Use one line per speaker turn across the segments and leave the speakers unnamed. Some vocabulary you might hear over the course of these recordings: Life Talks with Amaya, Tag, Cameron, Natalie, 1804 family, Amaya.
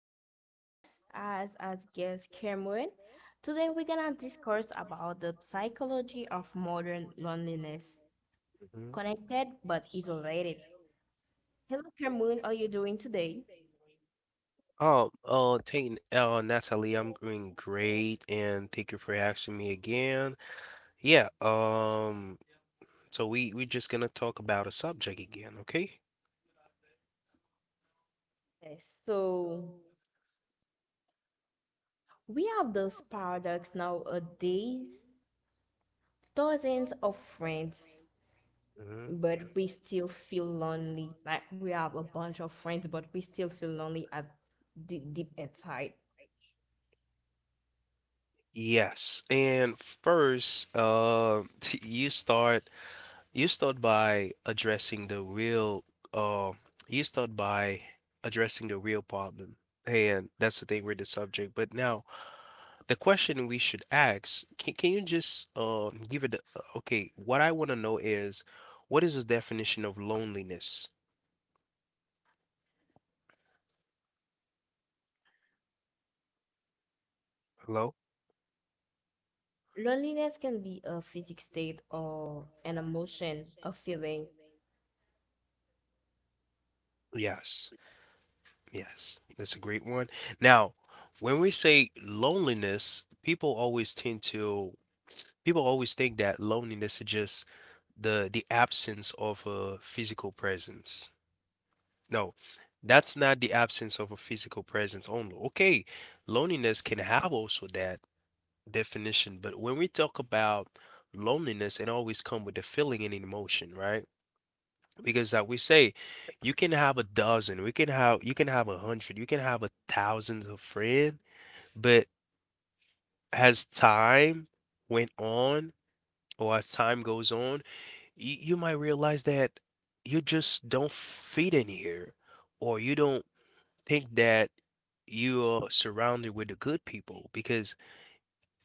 my podcast as guest Cameron. Today, we're gonna discuss about the psychology of modern loneliness,
Mhm.
connected but isolated. Hello, Cameron. How are you doing today?
Oh, taking Natalie, I'm doing great, and thank you for asking me again. Yeah, so we're just gonna talk about a subject again, okay?
Yes. So we have those paradox nowadays. Dozens of friends,
Hmm.
but we still feel lonely. Like we have a bunch of friends, but we still feel lonely at deep inside.
Yes, and first, you start You start by addressing the real uh you start by addressing the real problem. And that's the thing with the subject. But now the question we should ask, can you just okay, what I want to know is, what is the definition of loneliness? Hello?
Loneliness can be a physical state or an emotion, a feeling.
Yes. Yes. That's a great one. Now, when we say loneliness, people always think that loneliness is just the absence of a physical presence. No, that's not the absence of a physical presence only. Okay, loneliness can have also that definition, but when we talk about loneliness, it always come with a feeling and an emotion, right? Because like we say, you can have a dozen, we can have you can have a hundred, you can have a thousand of friends, but as time went on as time goes on, you might realize that you just don't fit in here, or you don't think that you are surrounded with the good people. Because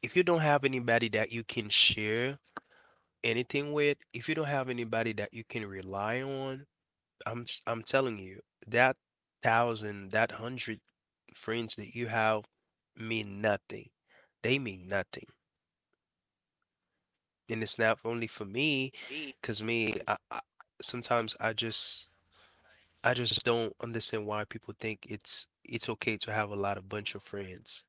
if you don't have anybody that you can share anything with, if you don't have anybody that you can rely on, I'm telling you, that thousand, that hundred friends that you have mean nothing. They mean nothing. And it's not only for me,
Me,
because me,
'cause.
I sometimes I just don't understand why people think it's okay to have a lot of bunch of friends.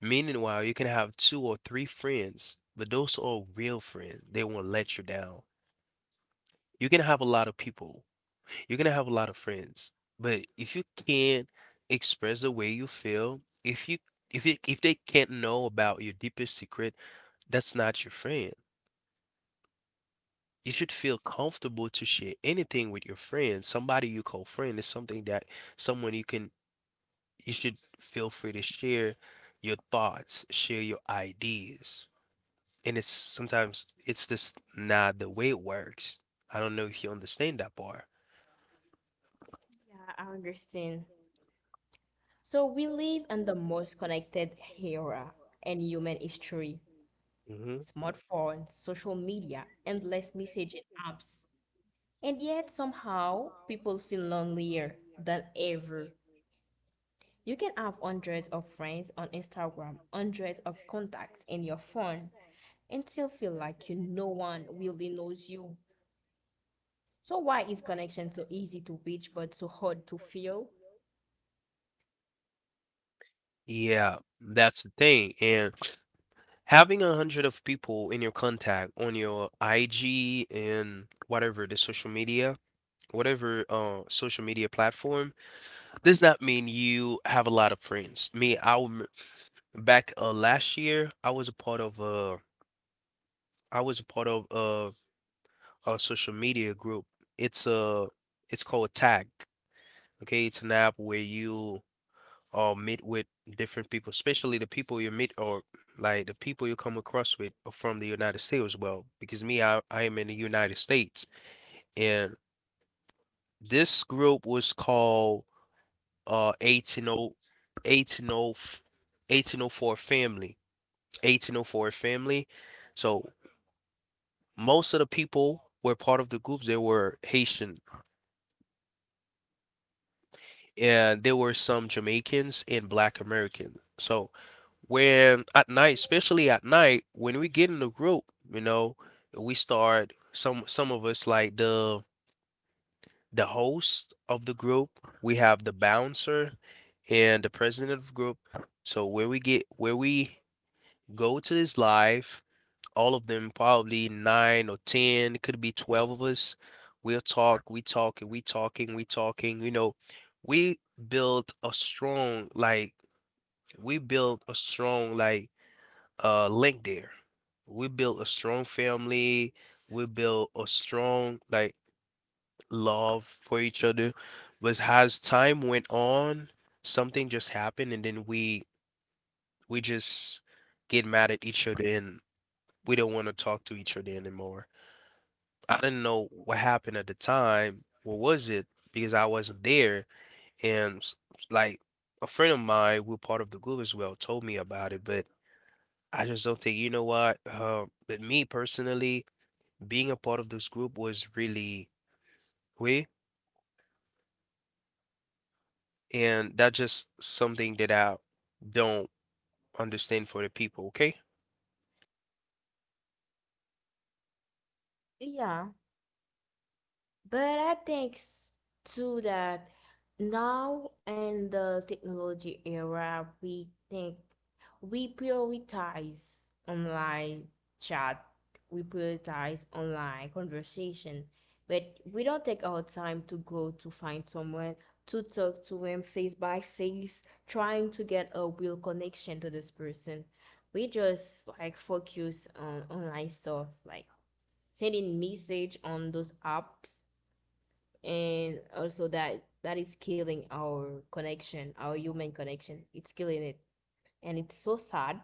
Meanwhile, you can have two or three friends, but those are real friends. They won't let you down. You can have a lot of people. You can have a lot of friends, but if you can't express the way you feel, if they can't know about your deepest secret, that's not your friend. You should feel comfortable to share anything with your friends. Somebody you call friend is something that someone you can you should feel free to share your thoughts, share your ideas. And it's sometimes it's just not the way it works. I don't know if you understand that part.
Yeah, I understand. So we live in the most connected era in human history.
Hmm.
Smartphones, social media, endless messaging apps. And yet somehow people feel lonelier than ever. You can have hundreds of friends on Instagram, hundreds of contacts in your phone, and still feel like you no one really knows you. So why is connection so easy to reach but so hard to feel?
Yeah, that's the thing. And having a hundred of people in your contact on your IG and whatever the social media, whatever social media platform, does not mean you have a lot of friends. Me, back last year, I was a part of a social media group. It's a it's called Tag. Okay, it's an app where you meet with different people, especially the people you meet or like the people you come across with are from the United States as well. Because me, I am in the United States, and this group was called eighteen o, eighteen o, eighteen o four family, 1804 family. So most of the people were part of the groups. They were Haitian, and there were some Jamaicans and Black Americans. So especially at night, when we get in the group, you know, we start some of us like the host of the group. We have the bouncer and the president of the group. So where we go to this live, all of them, probably nine or 10, could be 12 of us. We'll talk, we talking, we talking, we talking. You know, we built a strong, like, we built a strong, like, link there. We built a strong family. We built a strong, like, love for each other. But as time went on, something just happened, and then we just get mad at each other, and we don't want to talk to each other anymore. I didn't know what happened at the time. What was it? Because I wasn't there. And like a friend of mine, who part of the group as well, told me about it. But I just don't think, you know what? But me personally, being a part of this group was really way. And that's just something that I don't understand for the people. Okay.
Yeah, but I think too that now in the technology era, we think we prioritize online chat, we prioritize online conversation, but we don't take our time to go to find someone to talk to him face by face, trying to get a real connection to this person. We just like focus on online stuff, like sending message on those apps, and also that is killing our connection, our human connection. It's killing it, and it's so sad.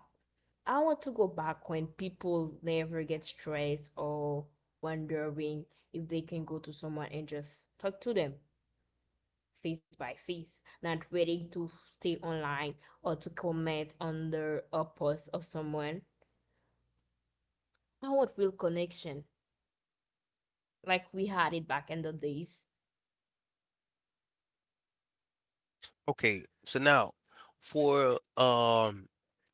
I want to go back when people never get stressed or wondering if they can go to someone and just talk to them face by face, not waiting to stay online or to comment under a post of someone. I want real connection like we had it back in the days.
Okay. So now for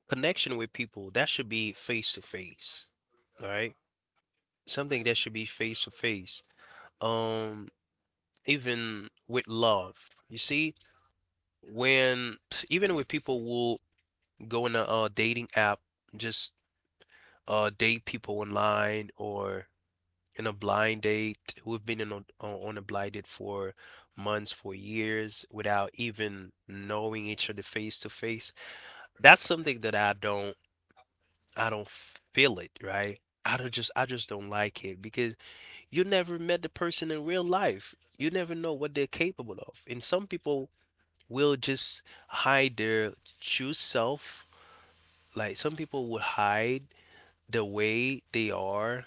connection with people, that should be face to face. All right. Something that should be face to face, um even with love, you see, when even with people will go in a dating app, just date people online, or in a blind date, who've been on a blind date for months, for years, without even knowing each other face to face. That's something that I don't feel it right. I just don't like it, because you never met the person in real life. You never know what they're capable of, and some people will just hide their true self. Like, some people would hide the way they are.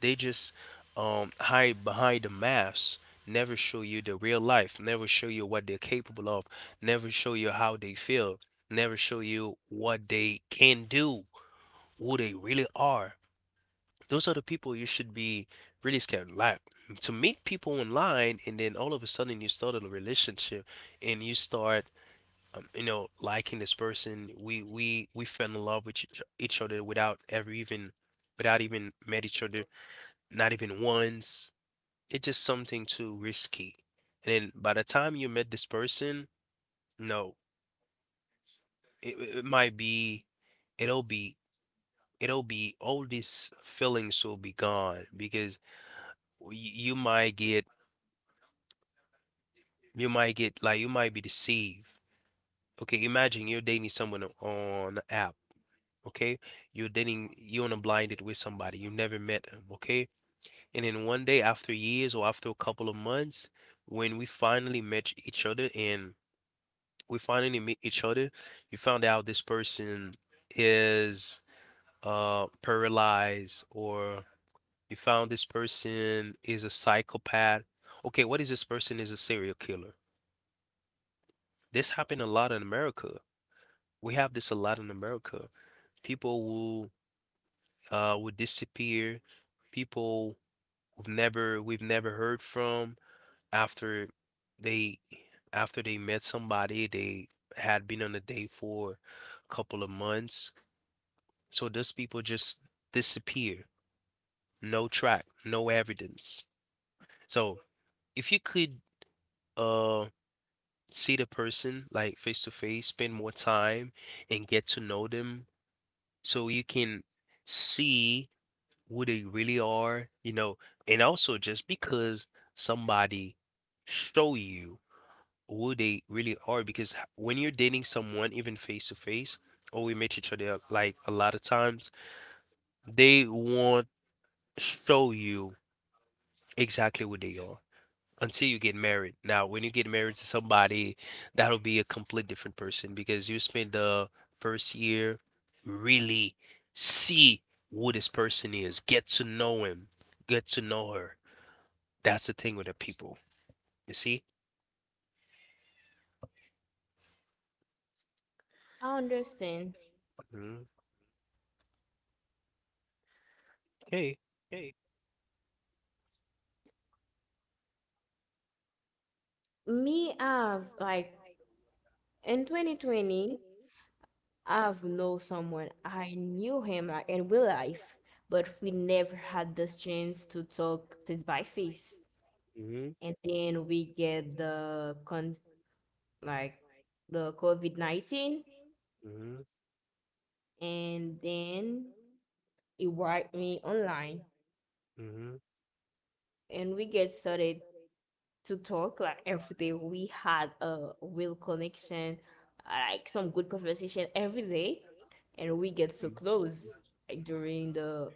They just hide behind the mask, never show you the real life, never show you what they're capable of, never show you how they feel, never show you what they can do, who they really are. Those are the people you should be really scared. Like, to meet people online, and then all of a sudden you start a relationship, and you start, liking this person, we fell in love with each other, without even met each other, not even once. It's just something too risky. And then by the time you met this person, no, it, it it might be it'll be it'll be, all these feelings will be gone. Because y- you might get you might be deceived. Okay, imagine you're dating someone on an app, okay? You're dating, you're on a blinded with somebody, you never met them, okay? And then one day, after years or after a couple of months, when we finally meet each other, you found out this person is paralyzed, or you found this person is a psychopath. Okay, what is this person is a serial killer? This happened a lot in America. We have this a lot in America. People will disappear. People we've never heard from, after they met somebody they had been on a date for a couple of months. So those people just disappear. No track, no evidence. So if you could uh see the person like face to face, spend more time and get to know them, so you can see who they really are, and also, just because somebody show you who they really are, because when you're dating someone even face to face, or we meet each other, like, a lot of times, they won't show you exactly what they are, until you get married. Now when you get married to somebody, that'll be a complete different person, because you spend the first year really see who this person is, get to know him, get to know her. That's the thing with the people, you see.
I understand.
Mhm. Okay.
Okay. Me, I've like, in 2020, I've known someone. I knew him in real life, but we never had the chance to talk face by face.
Hmm.
And then we get the con, like the COVID-19,
Hmm.
and then it wiped me online.
Hmm.
And we get started to talk like every day. We had a real connection, like some good conversation every day, and we get so close like during the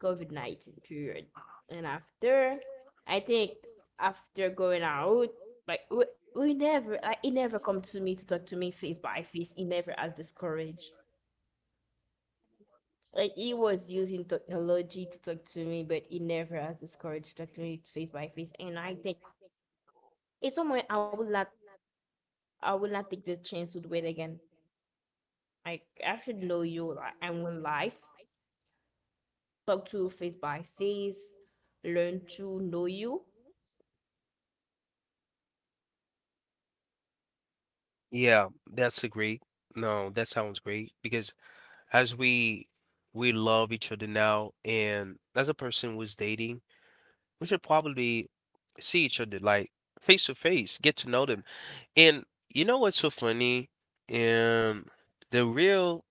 COVID-19 period. And after, I think after going out, like we never, like he never come to me to talk to me face by face. He never has this courage. Like he was using technology to talk to me, but he never has this courage to talk to me face by face. And I think it's somewhere I will not take the chance to do it again. Like I should know you, like I'm in life, talk to you face by face, learn to know you.
Yeah, that's a great. No, that sounds great, because as we love each other now, and as a person who's dating, we should probably see each other like face to face, get to know them. And you know what's so funny? And the real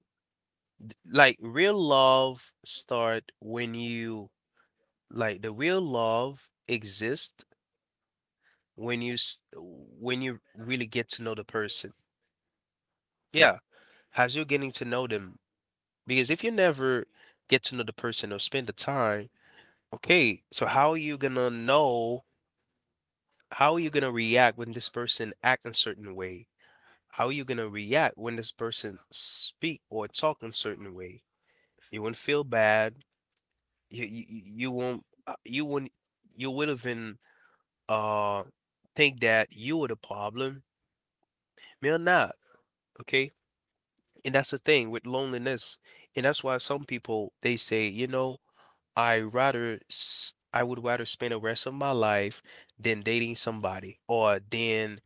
like real love start when you like the real love exists when you really get to know the person. Yeah. As you're getting to know them. Because if you never get to know the person or spend the time, okay, so how are you gonna know? How are you gonna react when this person act in certain way? How are you gonna react when this person speak or talk in certain way? You will not feel bad. You won't you will not you would have been uh think that you were the problem. Me or not, okay? And that's the thing with loneliness. And that's why some people they say, I would rather spend the rest of my life than dating somebody, or than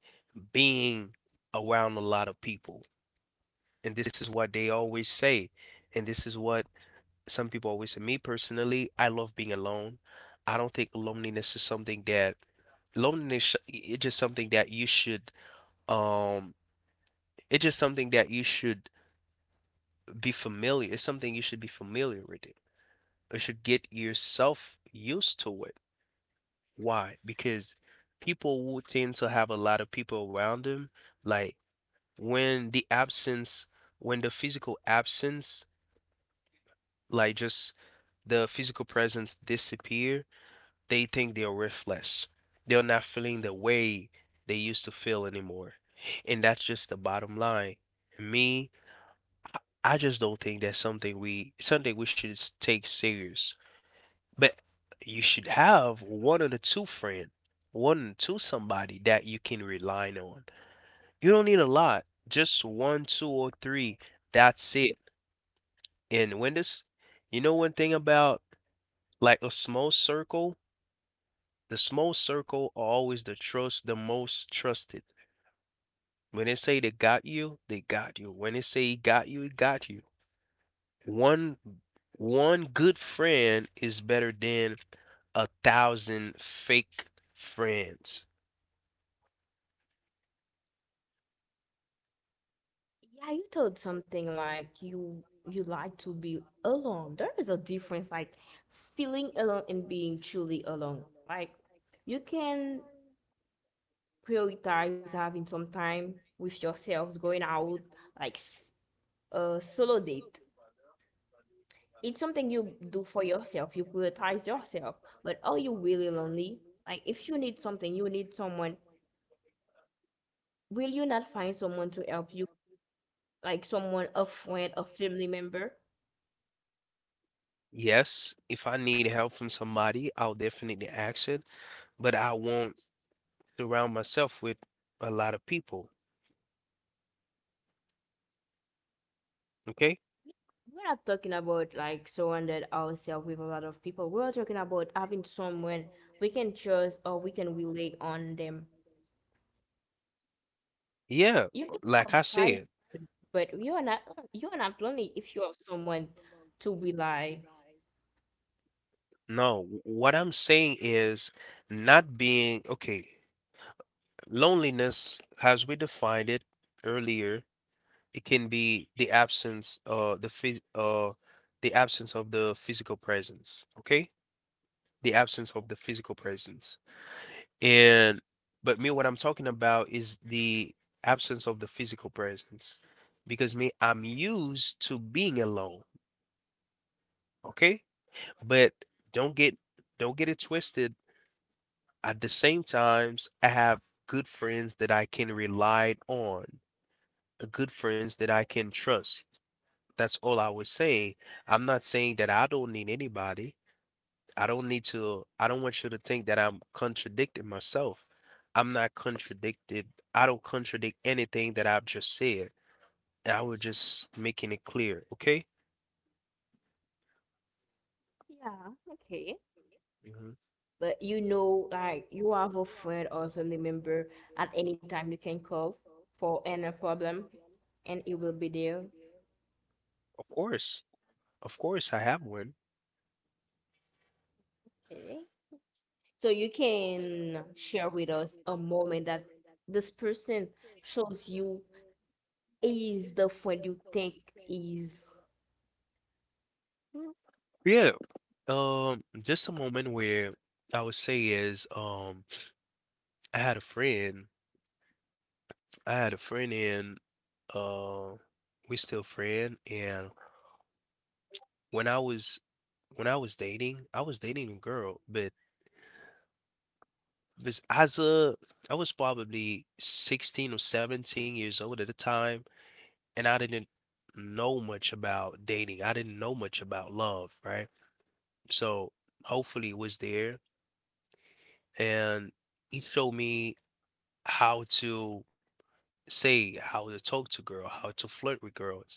being around a lot of people. And this is what they always say. And this is what some people always say. Me personally, I love being alone. I don't think loneliness is something that loneliness sh- um it's just something that you should be familiar. It's something you should be familiar with it. You should get yourself used to it. Why? Because people will tend to have a lot of people around them. Like when when the physical absence, like just the physical presence disappear, they think they're worthless. They're not feeling the way they used to feel anymore. And that's just the bottom line. Me, I just don't think that's something we should take serious. But you should have one of the two friend, one or two somebody that you can rely on. You don't need a lot, just one, two, or three. That's it. And when this, one thing about like a small circle, the small circle are always the trust, the most trusted. When they say they got you, they got you. When they say he got you, he got you. One, one good friend is better than a thousand fake friends.
Yeah, you told something like you like to be alone. There is a difference like feeling alone and being truly alone. Like you can prioritize having some time with yourselves, going out, like a solo date. It's something you do for yourself. You prioritize yourself. But are you really lonely? Like if you need something, you need someone, will you not find someone to help you? Like someone, a friend, a family member?
Yes, if I need help from somebody, I'll definitely ask it, but I won't surround myself with a lot of people. Okay?
We're not talking about like surrounded ourselves with a lot of people. We're talking about having someone we can trust or we can rely on them.
Yeah,
You can
like
have
I
five,
said,
but you are not lonely if you have someone to rely.
no, what I'm saying is not being okay. Loneliness, as we defined it earlier, it can be the absence the phys the absence of the physical presence. Okay? The absence of the physical presence. And but me, what I'm talking about is the absence of the physical presence. Because me, I'm used to being alone, okay? But don't get don't get it twisted. At the same times, I have good friends that I can rely on, good friends that I can trust. That's all I was saying. I'm not saying that I don't need anybody. I don't want you to think that I'm contradicting myself. I'm not contradicted. I don't contradict anything that I've just said. I was just making it clear, okay?
Yeah, okay.
Mhm.
But you know, like you have a friend or a family member at any time you can call for any problem, and it will be there.
Of course. Of course, I have one.
Okay. So you can share with us a moment that this person shows you is the friend you think is.
Yeah. Just a moment where I would say is, I had a friend I had a friend and uh we still friend and when I was when I was dating a girl, but this as a I was probably 16 or 17 years old at the time and I didn't know much about dating. I didn't know much about love, right? So hopefully it was there and he showed me how to say how to talk to girl, how to flirt with girls.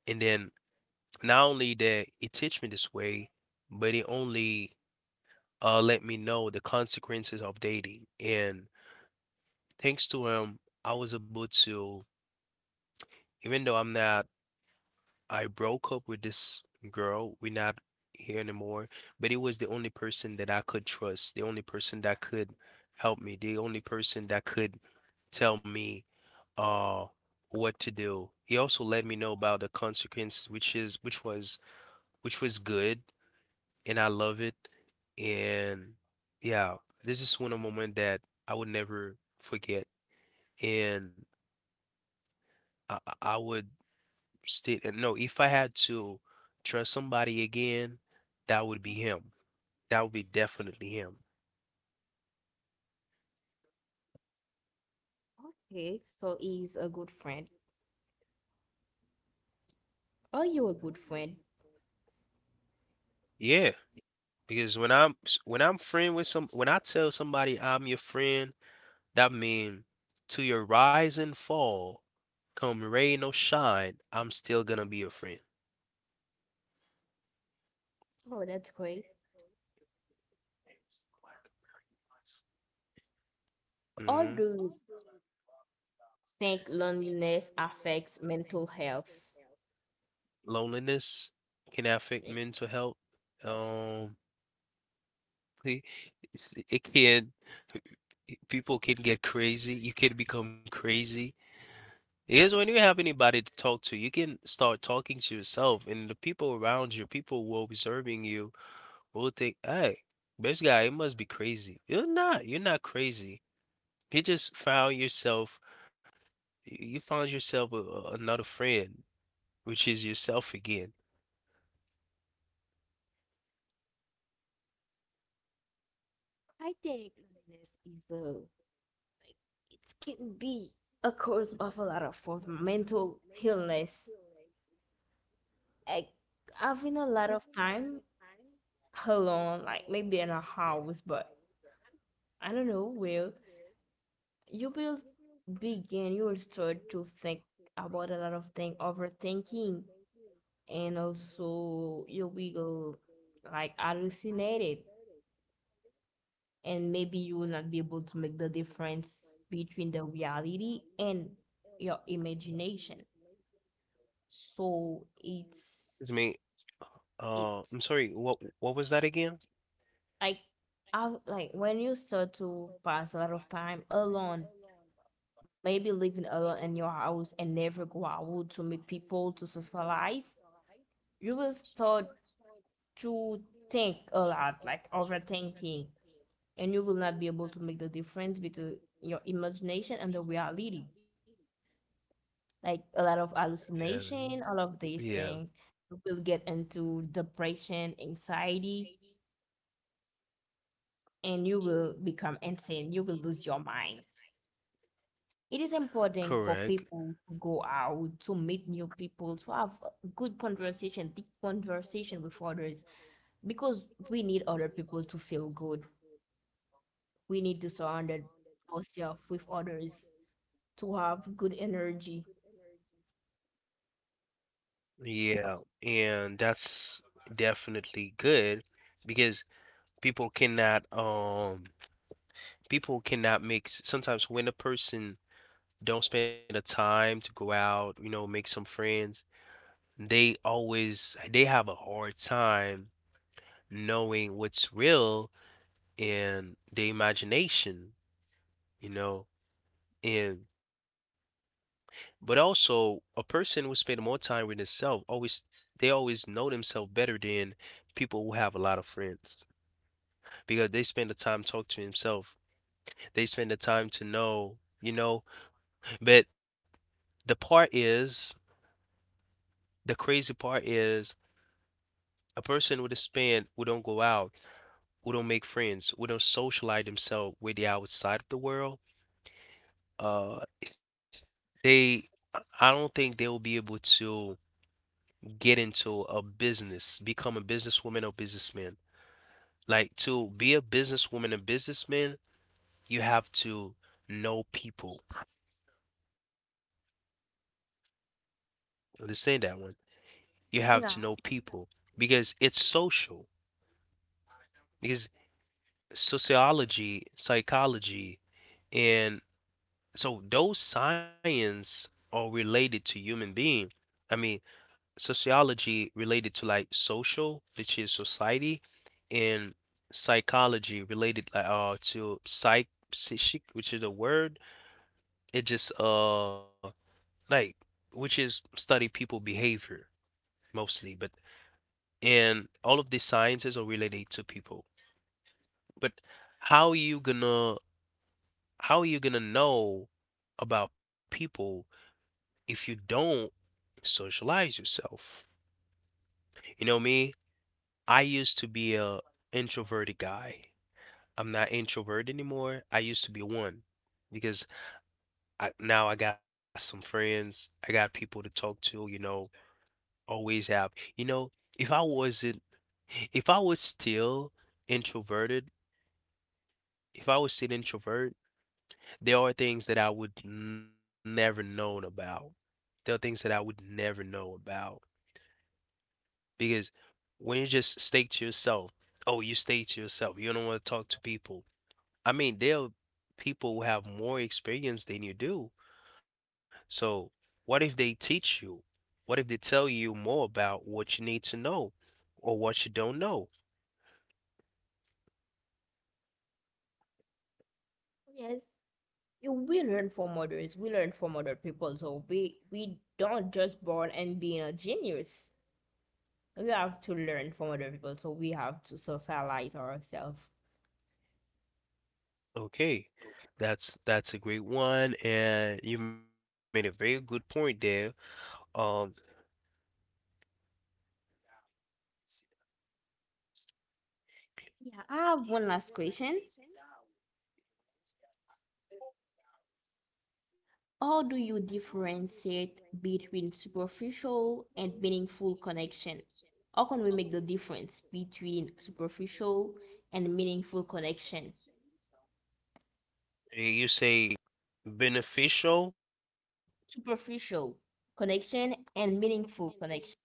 And then not only that it teach me this way, but it only let me know the consequences of dating. And thanks to him, I was able to, even though I'm not, I broke up with this girl, we're not here anymore, but it was the only person that I could trust, the only person that could help me, the only person that could tell me uh what to do. He also let me know about the consequences, which was good and I love it. And yeah, this is one a moment that I would never forget. And I would state and no, if I had to trust somebody again, that would be him. That would be definitely him.
Okay, so is a good friend. Are you a good friend?
Yeah, because when when I'm friend with some when I tell somebody I'm your friend, that mean to your rise and fall, come rain or shine, I'm still gonna be your friend.
Oh, that's great. Or do
Hmm.
you think loneliness affects mental health?
Loneliness can affect
Eh,
mental health.
health?
Um, it, it can, people can get crazy. You can become crazy. Because when you have anybody to talk to, you can start talking to yourself, and the people around you, people who are observing you, will think, "Hey, this guy, he must be crazy." You're not. You're not crazy. You just found yourself. You found yourself another friend. Which is yourself again.
I think loneliness is a, it can be a cause of a lot of form of mental illness. Like having a lot of time alone, like maybe in a house, but I don't know, where you will begin, you will start to think about a lot of things, overthinking, and also you will like hallucinated, and maybe you will not be able to make the difference between the reality and your imagination. So
It's me.
it's
I'm sorry. What was that again?
like I like when you start to pass a lot of time alone, maybe living alone in your house and never go out to meet people to socialize, you will start to think a lot, like overthinking, and you will not be able to make the difference between your imagination and the reality. Like a lot of
Yeah.
hallucination, all of these things.
Yeah,
You will get into depression, anxiety, and you will become insane. You will lose your mind. It is important for
correct.
people to go out, to meet new people, to have a good conversation, deep conversation with others, because we need other people to feel good. We need to surround ourselves with others to have good energy.
Yeah, and that's definitely good because people cannot um people cannot sometimes when a person don't spend the time to go out, you know, make some friends, they have a hard time knowing what's real in the imagination, you know. And. But also, a person who spend more time with themselves always they always know themselves better than people who have a lot of friends because they spend the time talk to themselves. They spend the time to know, you know. But the part is, the crazy part is, a person with a spend who don't go out, who don't make friends, who don't socialize themselves with the outside of the world. Uh, they, I don't think they will be able to get into a business, become a businesswoman or businessman. Like to be a businesswoman and businessman, you have to know people. Understand that one. You have to know
Yeah.
people because it's social. Because sociology, psychology, and so those science are related to human being. I mean, sociology related to like social, which is society, and psychology related like to psychic, which is a word. It just like Which is study people behavior mostly, but and all of the sciences are related to people. But how you gonna how you gonna know about people if you don't socialize yourself? You know me, I used to be a introverted guy. I'm not introverted anymore. I used to be one because now I got some friends. I got people to talk to, you know, always have. You know, if I wasn't if I was still introverted, if I was still introvert, there are things that I would never known about. There are things that I would never know about because when you just stay to yourself, oh, you stay to yourself. You don't want to talk to people. I mean, there are people who have more experience than you do. So what if they teach you? What if they tell you more about what you need to know or what you don't know?
Yes, you we learn from others. We learn from other people. So we don't just born and being a genius. We have to learn from other people. So we have to socialize ourselves.
Okay, that's a great one, and you made a very good point there. Um,
Yeah, I have one last question. How do you differentiate between superficial and meaningful connection? How can we make the difference between superficial and meaningful connection?
you say beneficial.
Superficial connection and meaningful connection.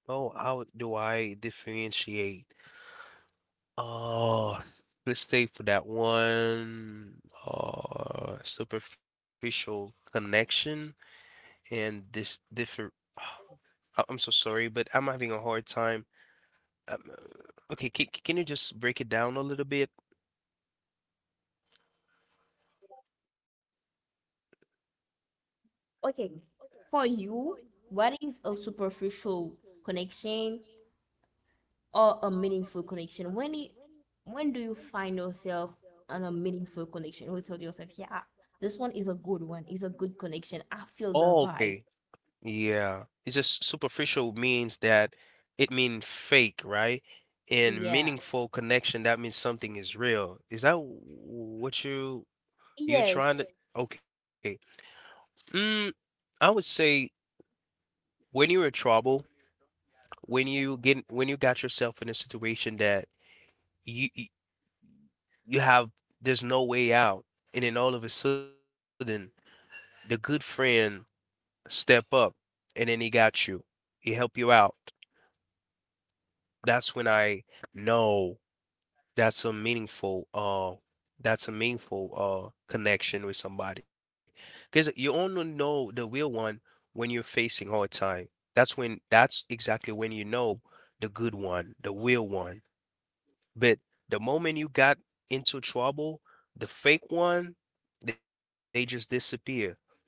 Oh, how do I differentiate? Oh, let's stay for that one. Superficial connection and this differ. I'm so sorry, but I'm having a hard time. Okay, can you just break it down a little bit?
Okay, for you, what is a superficial connection or a meaningful connection? When do you find yourself on a meaningful connection? We told yourself, yeah, this one is a good one. It's a good connection. I feel
Oh,
the
okay.
vibe.
Yeah, it's just superficial means that it mean fake, right? And
Yeah.
meaningful connection, that means something is real. Is that what you trying to?
Yes.
Okay. Mm, I would say when you're in trouble, when you get when you got yourself in a situation that you you you have there's no way out, and then all of a sudden the good friend step up, and then he got you, he help you out. That's when I know. that's a meaningful uh that's a meaningful connection with somebody because you only know the real one when you're facing hard time, that's when, that's exactly when you know the good one, the real one. But the moment you got into trouble, the fake one, they just disappear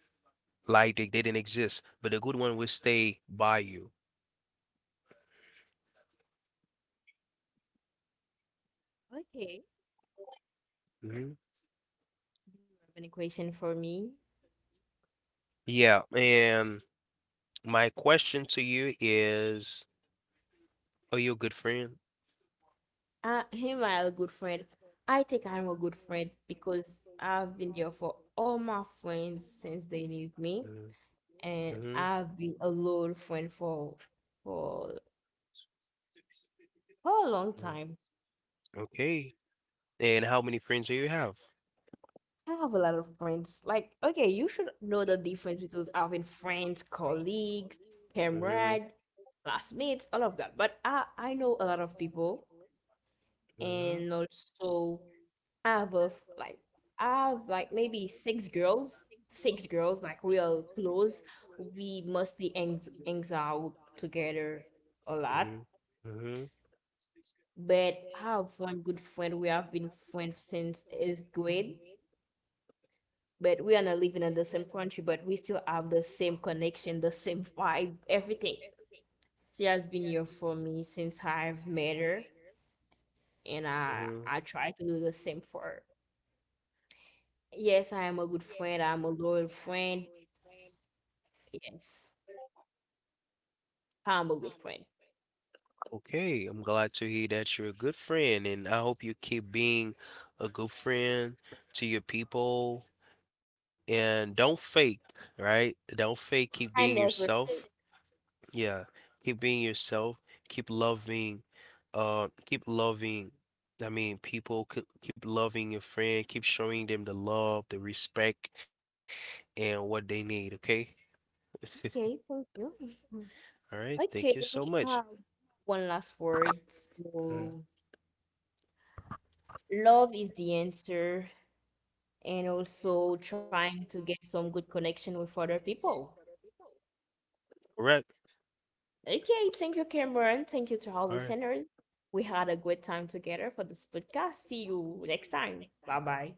like they didn't exist, but the good one will stay by you.
Okay.
Mhm.
Do you have any question for me?
Yeah, and my question to you is, are you a good friend?
Him, I'm a good friend. I think I'm a good friend because I've been there for all my friends since they knew
Mhm.
me,
Mhm.
and I've been a loyal friend for
Mhm.
for a long time.
Okay. And how many friends do you have?
I have a lot of friends. Like, okay, you should know the difference between having friends, colleagues,
Mhm.
comrade, classmates, all of that. But I know a lot of people.
Mhm.
And also I have a like I have like maybe six girls like we are close. We mostly hangs out together a lot.
Mhm. Mhm.
But I have one good friend. We have been friends since eighth grade. But we are not living in the same country, but we still have the same connection, the same vibe, everything. She has been here for me since I've met her, and I
Mhm.
I try to do the same for her. Yes, I am a good friend. I'm a loyal friend. Yes, I'm a good friend.
Okay, I'm glad to hear that you're a good friend, and I hope you keep being a good friend to your people. And don't fake, right? Don't fake. Keep being
I never
yourself.
fail.
Yeah, keep being yourself, keep loving, keep loving, I mean, people, keep loving your friend, keep showing them the love, the respect, and what they need, okay?
Okay, thank you.
All right, thank you
Okay,
so much.
um, one last word.
Mhm.
So, love is the answer, and also trying to get some good connection with other people. Okay, thank you, Cameron. Thank you to
All
all
right.
listeners. We had a good time together for this podcast. See you next time. Bye bye.